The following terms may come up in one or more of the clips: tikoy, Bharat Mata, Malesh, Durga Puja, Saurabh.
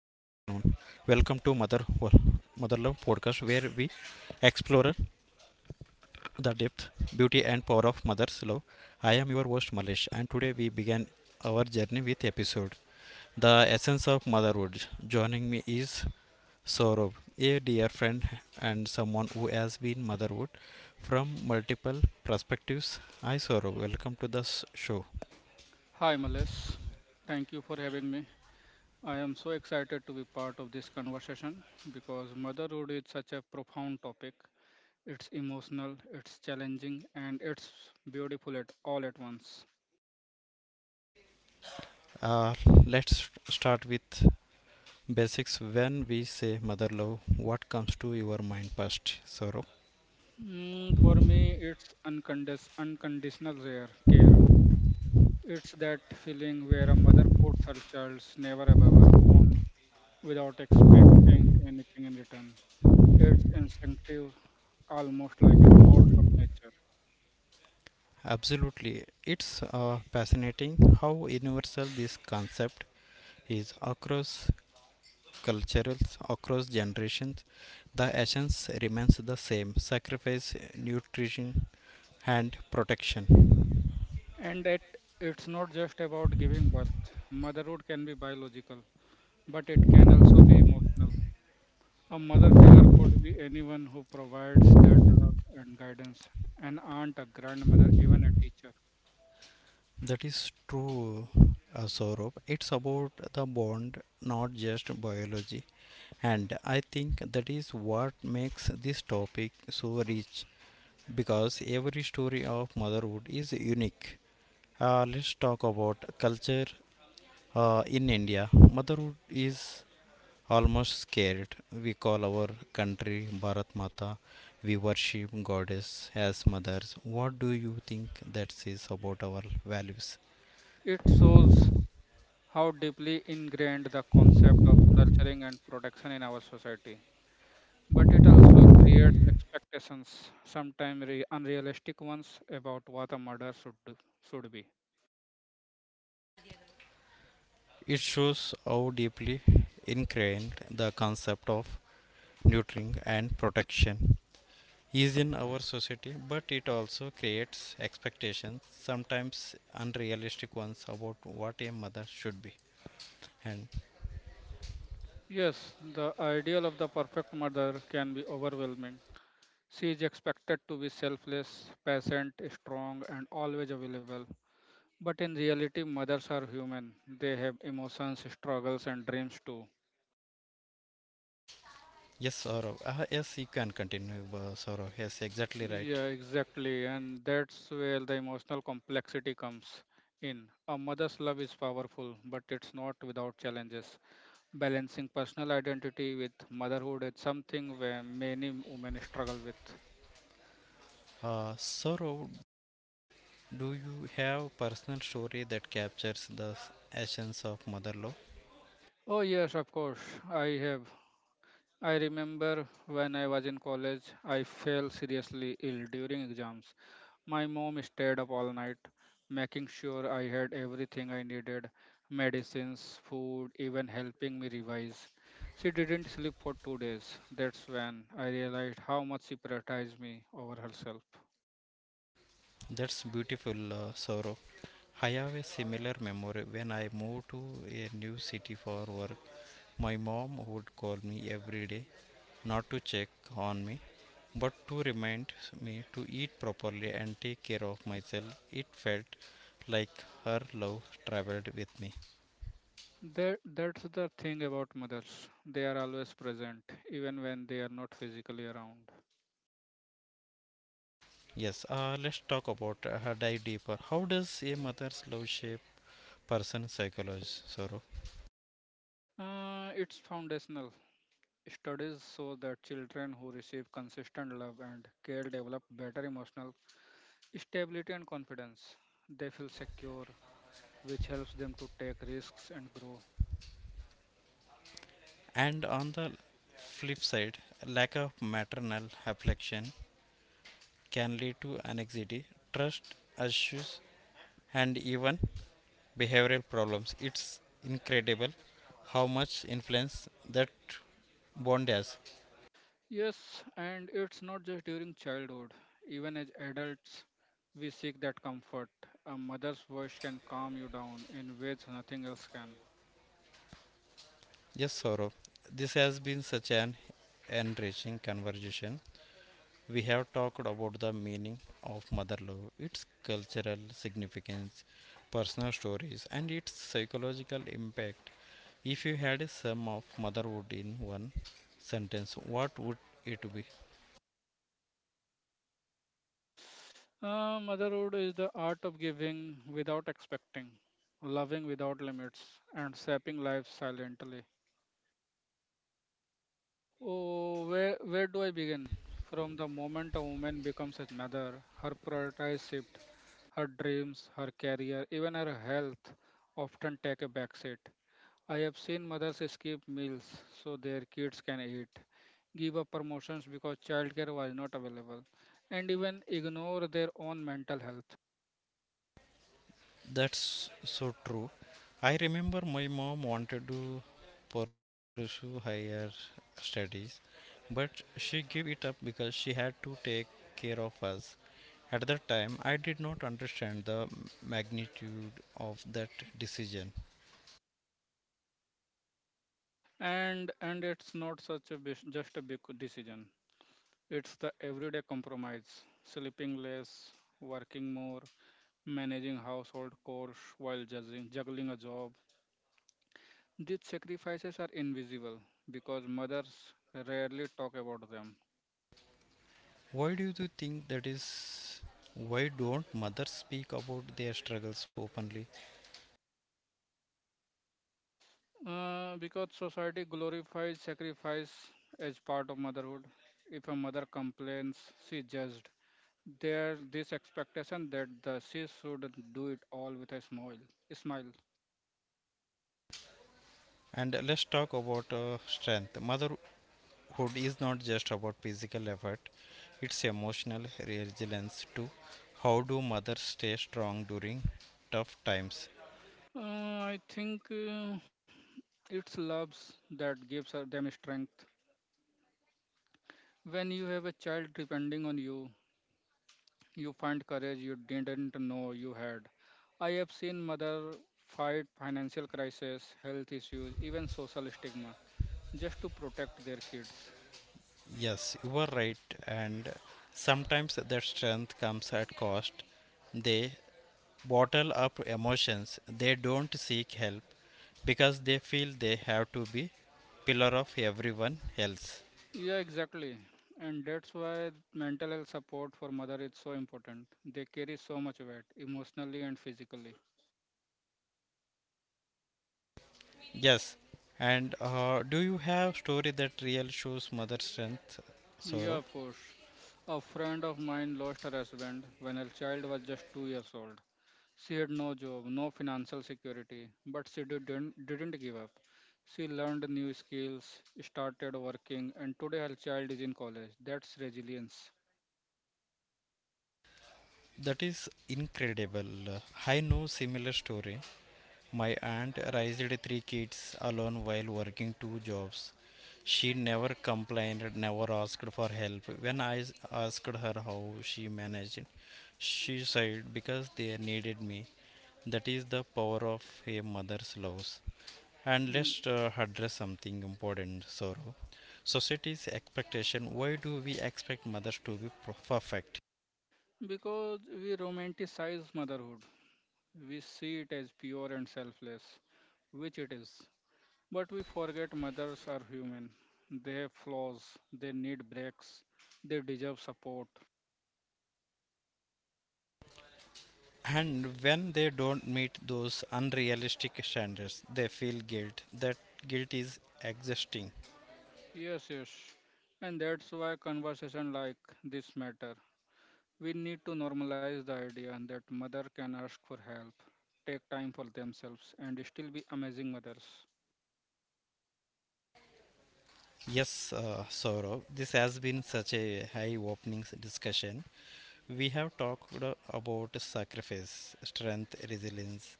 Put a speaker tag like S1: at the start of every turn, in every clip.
S1: Mother Love podcast where we explore the depth, beauty and power of mother's love. I am your host Malesh and today we began our journey with episode The Essence of Motherhood. Joining me is Saurabh, a dear friend and someone who has been motherhood from multiple perspectives. Hi Saurabh, welcome to the show.
S2: Hi, Males. Thank you for having me. I am so excited to be part of this conversation because motherhood is such a profound topic. It's emotional, it's challenging, and it's beautiful at all at once.
S1: Uh, let's start with Basics when we say mother love, what comes to your mind first, Saurabh?
S2: For me, it's unconditional rare care. It's that feeling where a mother puts her child's never above her own without expecting anything in return. It's instinctive, almost like a force of nature.
S1: Absolutely, it's fascinating how universal this concept is across cultures, across generations. The essence remains the same sacrifice, nutrition, and protection.
S2: And it it's not just about giving birth. Motherhood can be biological, but it can also be emotional. A mother figure could be anyone who provides that love and guidance an aunt, a grandmother, even a teacher.
S1: That is true, Saurabh. It's about the bond, not just biology. And I think that is what makes this topic so rich because every story of motherhood is unique. Let's talk about culture in India. Motherhood is almost scared. We call our country Bharat Mata. We worship goddess as mothers. What do you think that says about our values?
S2: It shows how deeply ingrained the concept of nurturing and protection in our society. But it also creates expectations, sometimes unrealistic ones, about what a mother should, do, should be.
S1: It shows how deeply ingrained the concept of nurturing and protection is in our society, but it also creates expectations, sometimes unrealistic ones, about what a mother should be. And
S2: Yes, the ideal of the perfect mother can be overwhelming. She is expected to be selfless, patient, strong, and always available. But in reality, mothers are human. They have emotions, struggles, and dreams too.
S1: yes, Saurav, yes, you can continue, Saurav. Yes, exactly right.
S2: Yeah, exactly. And that's where the emotional complexity comes in. A mother's love is powerful, but it's not without challenges. Balancing personal identity with motherhood is something where many women struggle with.
S1: Saurav, do you have personal story that captures the essence of mother love?
S2: Oh, yes, of course. I have. I remember when I was in college, I fell seriously ill during exams. My mom stayed up all night, making sure I had everything I needed medicines, food, even helping me revise. She didn't sleep for 2 days. That's when I realized how much she prioritized me over herself.
S1: That's beautiful, Saurav. I have a similar memory when I moved to a new city for work. My mom would call me every day not to check on me but to remind me to eat properly and take care of myself, it felt like her love traveled with me.
S2: That's the thing about mothers. They are always present, even when they are not physically around.
S1: Yes, let's talk about her dive deeper. How does a mother's love shape person psychology, sorrow?
S2: It's foundational. Studies show that children who receive consistent love and care develop better emotional stability and confidence. They feel secure, which helps them to take risks and grow.
S1: And on the flip side, lack of maternal affection can lead to anxiety, trust issues, and even behavioral problems. It's incredible how much influence that bond has.
S2: Yes, and it's not just during childhood. Even as adults, we seek that comfort. A mother's voice can calm you down in ways nothing else can.
S1: Yes, Saurabh. This has been such an enriching conversation. We have talked about the meaning of mother love, its cultural significance, personal stories, and its psychological impact. If you had a sum of motherhood in one sentence, what would it be?
S2: Motherhood is the art of giving without expecting, loving without limits, and shaping life silently. Oh, where do I begin? From the moment a woman becomes a mother, her priorities shift, her dreams, her career, even her health often take a backseat. I have seen mothers skip meals so their kids can eat, give up promotions because childcare was not available, and even ignore their own mental health.
S1: That's so true. I remember my mom wanted to pursue higher studies, but she gave it up because she had to take care of us. At that time, I did not understand the magnitude of that decision.
S2: And it's not such a just a big decision. It's the everyday compromise, sleeping less, working more, managing household chores while juggling a job. These sacrifices are invisible because mothers rarely talk about them.
S1: Why do you think that is? Why don't mothers speak about their struggles openly?
S2: Because society glorifies sacrifice as part of motherhood. If a mother complains, she judged. There this expectation that the she should do it all with a smile. Smile.
S1: And let's talk about strength. Motherhood is not just about physical effort, it's emotional resilience too. How do mothers stay strong during tough times?
S2: I think it's loves that them strength. When you have a child depending on you, you find courage you didn't know you had. I have seen mother fight financial crisis, health issues, even social stigma just to protect their kids.
S1: Yes, you are right, and sometimes their strength comes at cost. They bottle up emotions, they don't seek help because they feel they have to be pillar of everyone else.
S2: Yeah, exactly. And that's why mental health support for mother is so important. They carry so much weight emotionally and physically.
S1: Yes, and do you have story that real shows mother strength
S2: Yeah,
S1: sorrow?
S2: of course. A friend of mine lost her husband when her child was just 2 years old. She had no job, no financial security, but she didn't give up. She learned new skills, started working, and today her child is in college. That's resilience.
S1: That is incredible. I know similar story. My aunt raised three kids alone while working two jobs. She never complained, never asked for help. When I asked her how she managed, she said, because they needed me. That is the power of a mother's love. And
S2: Mm.
S1: let's address something important, Sorrow. Society's expectation. Why do we expect mothers to be perfect?
S2: Because we romanticize motherhood, we see it as pure and selfless, which it is. But we forget mothers are human. They have flaws, they need breaks, they deserve support.
S1: And when they don't meet those unrealistic standards, they feel guilt. That guilt is exhausting.
S2: Yes, yes. And that's why conversation like this matter. We need to normalize the idea that mother can ask for help, take time for themselves, and still be amazing mothers.
S1: Yes, Saurav, this has been such a high opening discussion. We have talked about sacrifice, strength, resilience,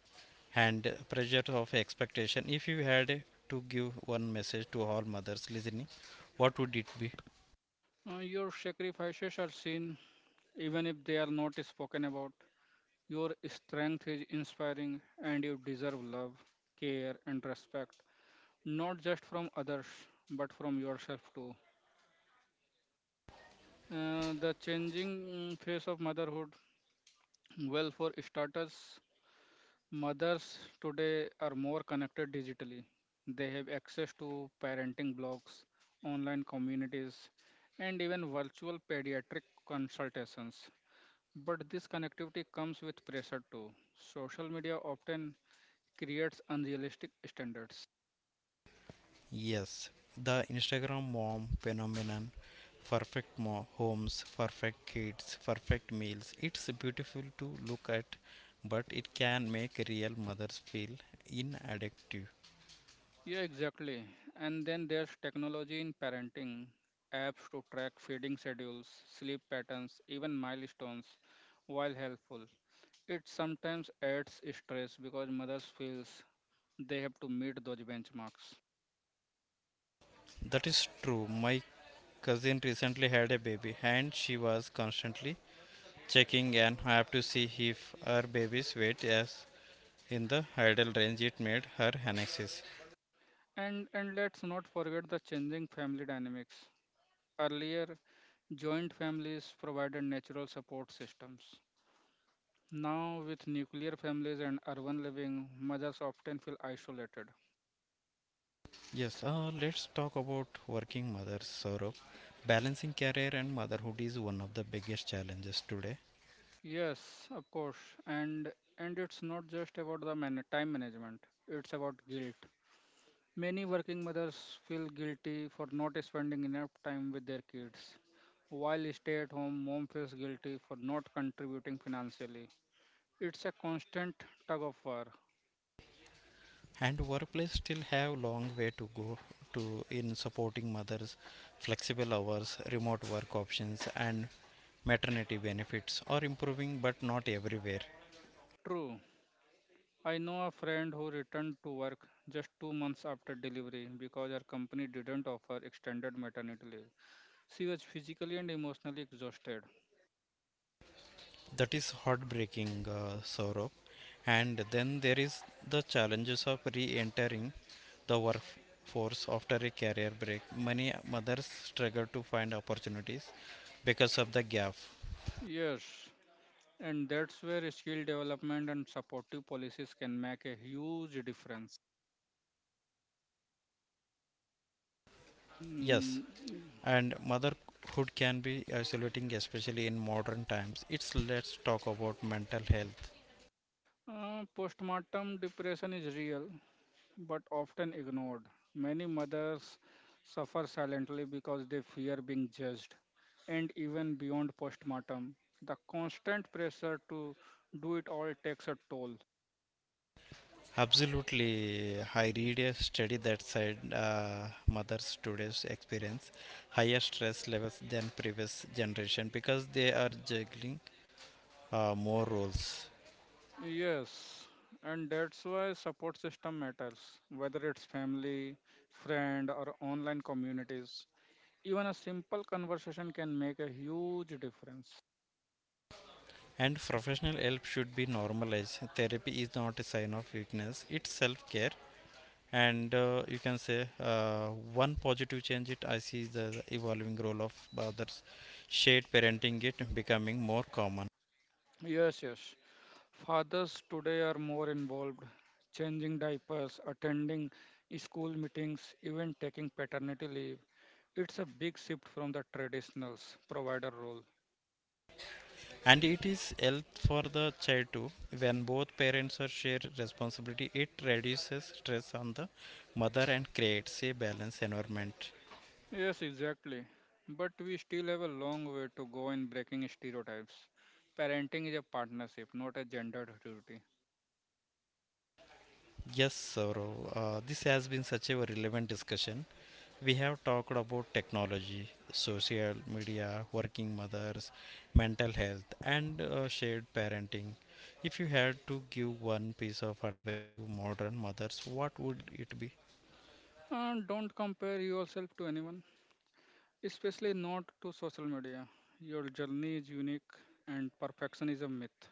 S1: and pressure of expectation. If you had to give one message to all mothers listening, what would it be?
S2: Your sacrifices are seen, even if they are not spoken about. Your strength is inspiring, and you deserve love, care, and respect, not just from others, but from yourself too. The changing face of motherhood. Well, for starters, mothers today are more connected digitally. They have access to parenting blogs, online communities, and even virtual pediatric consultations. But this connectivity comes with pressure too. Social media often creates unrealistic standards.
S1: Yes, the Instagram mom phenomenon perfect homes, perfect kids, perfect meals. It's beautiful to look at, but it can make real mothers feel inadequate.
S2: Yeah, exactly. And then there's technology in parenting, apps to track feeding schedules, sleep patterns, even milestones, while helpful. It sometimes adds stress because mothers feels they have to meet those benchmarks.
S1: That is true. My cousin recently had a baby and she was constantly checking and I have to see if her baby's weight is in the ideal range it made her anxious.
S2: And let's not forget the changing family dynamics. Earlier, joint families provided natural support systems. Now, with nuclear families and urban living, mothers often feel isolated.
S1: Yes, let's talk about working mothers, Saurabh. Balancing career and motherhood is one of the biggest challenges today,
S2: Yes, of course. And it's not just about the time management. It's about guilt. Many working mothers feel guilty for not spending enough time with their kids. While stay at home, mom feels guilty for not contributing financially. It's a constant tug of war.
S1: and workplace still have long way to go to in supporting mothers, flexible hours, remote work options, and maternity benefits are improving, but not everywhere.
S2: True. I know a friend who returned to work just 2 months after delivery because her company didn't offer extended maternity leave. She was physically and emotionally exhausted.
S1: That is heartbreaking, Saurabh. And then there is the challenges of re-entering the workforce after a career break. Many mothers struggle to find opportunities because of the gap.
S2: Yes, and that's where skill development and supportive policies can make a huge difference.
S1: Yes,
S2: Mm,
S1: and motherhood can be isolating, especially in modern times. It's let's talk about mental health.
S2: Postpartum depression is real, but often ignored. Many mothers suffer silently because they fear being judged, and even beyond postmortem, the constant pressure to do it all takes a toll.
S1: Absolutely, I read a study that said mothers today's experience higher stress levels than previous generation because they are juggling more roles.
S2: Yes, and that's why support system matters, whether it's family, friend, or online communities. Even a simple conversation can make a huge difference.
S1: And professional help should be normalized. Therapy is not a sign of weakness, it's self care. And you can say one positive change it I see is the evolving role of others, shared parenting it becoming more common.
S2: Yes, yes. Fathers today are more involved, changing diapers, attending school meetings, even taking paternity leave. It's a big shift from the traditional provider role.
S1: And it is help for the child too. When both parents are share responsibility, it reduces stress on the mother and creates a balanced environment.
S2: Yes, exactly. But we still have a long way to go in breaking stereotypes. Parenting is a partnership, not a gendered duty.
S1: Yes, Saurav, this has been such a relevant discussion. We have talked about technology, social media, working mothers, mental health, and shared parenting. If you had to give one piece of advice to modern mothers, what would it be?
S2: And don't compare yourself to anyone, especially not to social media. Your journey is unique and perfection is a myth.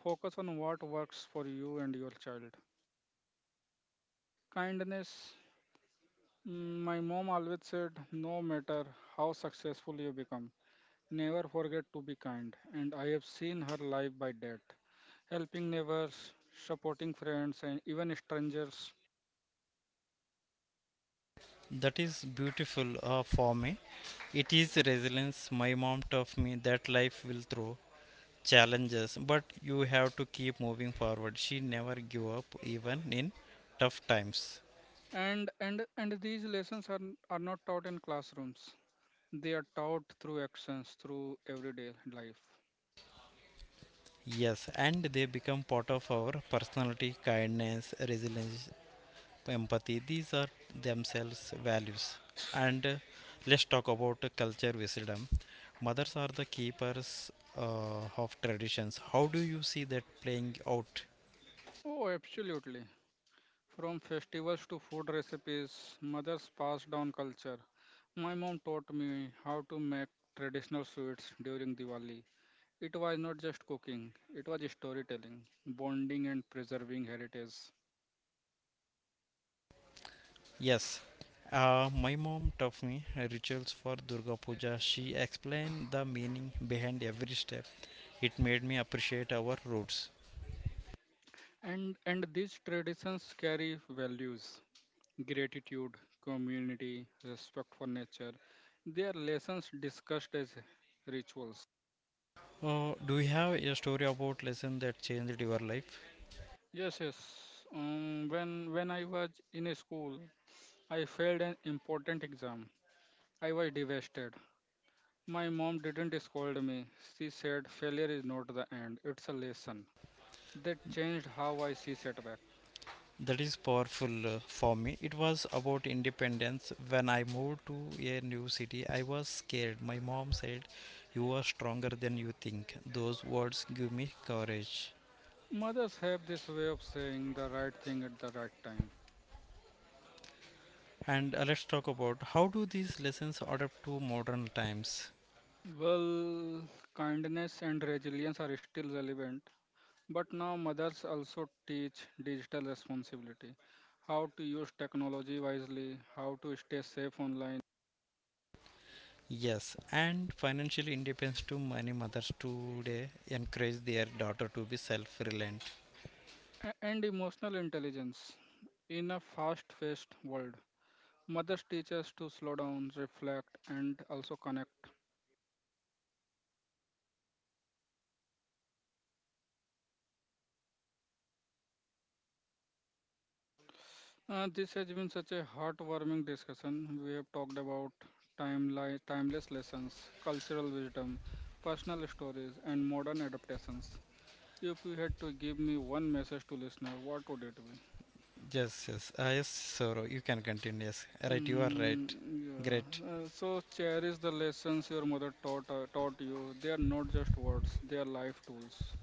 S2: Focus on what works for you and your child. Kindness. My mom always said, no matter how successful you become, never forget to be kind. And I have seen her live by that. Helping neighbors, supporting friends, and even strangers.
S1: That is beautiful for me. It is resilience. My mom taught me that life will throw challenges, but you have to keep moving forward. She never gave up, even in tough times.
S2: And these lessons are not taught in classrooms. They are taught through actions, through everyday life.
S1: Yes, and they become part of our personality, kindness, resilience, empathy. These are themselves values. And let's talk about culture wisdom. Mothers are the keepers of traditions. How do you see that playing out?
S2: Oh, absolutely. From festivals to food recipes, mothers pass down culture. My mom taught me how to make traditional sweets during Diwali. It was not just cooking, it was storytelling, bonding and preserving heritage.
S1: Yes. My mom taught me rituals for Durga Puja. She explained the meaning behind every step. It made me appreciate our roots.
S2: And these traditions carry values, gratitude, community, respect for nature. They are lessons discussed as rituals.
S1: Do you have a story about lesson that changed your life?
S2: Yes, yes. When I was in a school, I failed an important exam. I was devastated. My mom didn't scold me. She said failure is not the end, it's a lesson. That changed how I see setback.
S1: That is powerful for me. It was about independence. When I moved to a new city, I was scared. My mom said, you are stronger than you think. Those words give me courage.
S2: Mothers have this way of saying the right thing at the right time.
S1: And let's talk about how do these lessons adapt to modern times?
S2: Well, kindness and resilience are still relevant, but now mothers also teach digital responsibility, how to use technology wisely, how to stay safe online,
S1: Yes, and financial independence to many mothers today encourage their daughter to be self-reliant.
S2: and emotional intelligence in a fast-paced world. Mothers teach us to slow down, reflect, and also connect. This has been such a heartwarming discussion. We have talked about timeless lessons, cultural wisdom, personal stories, and modern adaptations. If you had to give me one message to listener, what would it be?
S1: Yes, yes, yes, Soro, you can continue. Yes, right, you are
S2: Mm,
S1: right. Great.
S2: yeah. So cherish the lessons your mother taught you. They are not just words; they are life tools.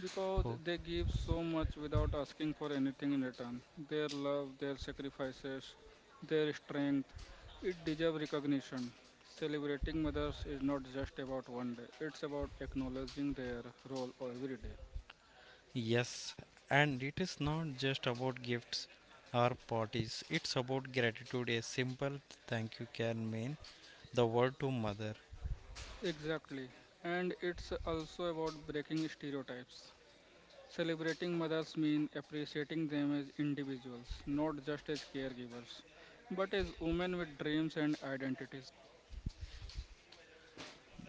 S2: Because
S1: Oh,
S2: they give so much without asking for anything in return. Their love, their sacrifices, their strength, it deserves recognition. Celebrating mothers is not just about one day, it's about acknowledging their role every day.
S1: yes, and it is not just about gifts or parties, it's about gratitude. A simple thank you can mean the world to mother.
S2: Exactly. And it's also about breaking stereotypes. Celebrating mothers means appreciating them as individuals, not just as caregivers, but as women with dreams and identities.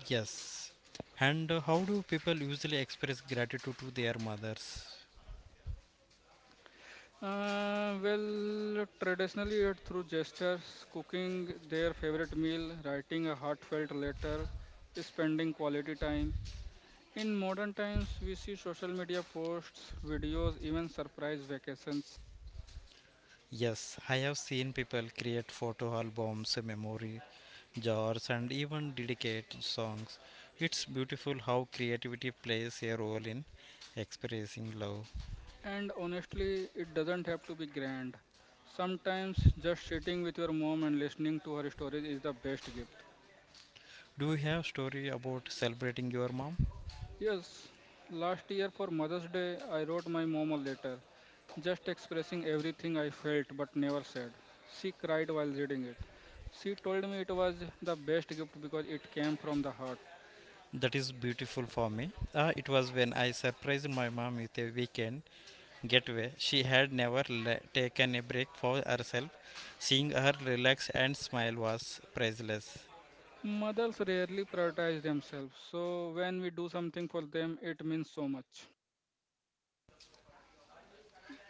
S1: Yes. And how do people usually express gratitude to their mothers?
S2: Well, traditionally it through gestures, cooking their favorite meal, writing a heartfelt letter, spending quality time. In modern times, we see social media posts, videos, even surprise vacations.
S1: Yes, I have seen people create photo albums, memory jars, and even dedicate songs. It's beautiful how creativity plays a role in expressing love.
S2: And honestly, it doesn't have to be grand. Sometimes just sitting with your mom and listening to her stories is the best gift.
S1: Do you have story about celebrating your mom?
S2: Yes, last year for Mother's Day, I wrote my mom a letter, just expressing everything I felt but never said. She cried while reading it. She told me it was the best gift because it came from the heart.
S1: That is beautiful for me. It was when I surprised my mom with a weekend getaway. She had never taken a break for herself. Seeing her relax and smile was priceless.
S2: Mothers rarely prioritize themselves, so when we do something for them, it means so much.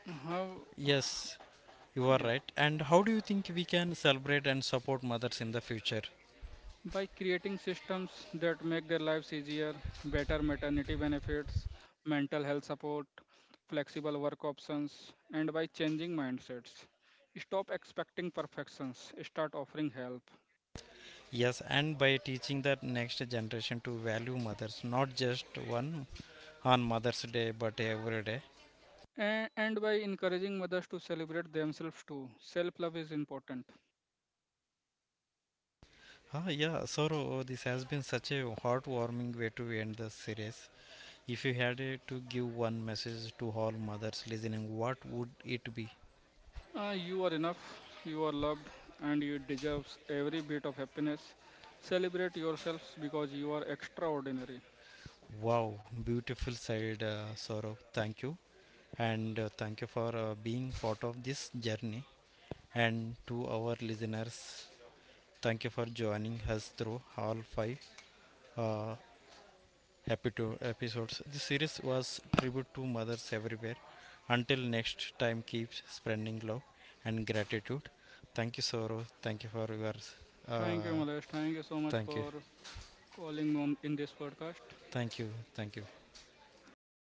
S2: How?
S1: Yes, you are
S2: Yeah.
S1: right. And how do you think we can celebrate and support mothers in the future?
S2: By creating systems that make their lives easier, better maternity benefits, mental health support, flexible work options, and by changing mindsets. Stop expecting perfections, start offering help.
S1: Yes, and by teaching the next generation to value mothers, not just one on Mother's Day, but every day.
S2: And by encouraging mothers to celebrate themselves too. Self love is important.
S1: Ah, yeah, so this has been such a heartwarming way to end the series. If you had to give one message to all mothers listening, what would it be?
S2: You are enough, you are loved, and you deserve every bit of happiness. Celebrate yourselves because you are extraordinary.
S1: Wow, beautiful side, Saurabh. Thank you. And thank you for being part of this journey. And to our listeners, thank you for joining us through all 5 uh, happy to episodes. This series was tribute to mothers everywhere. Until next time, keep spreading love and gratitude. Thank you, Saurabh. Thank you for your.
S2: Thank you,
S1: Uh,
S2: Malesh. Thank you so much
S1: thank you.
S2: for calling on in this podcast.
S1: Thank you. Thank you.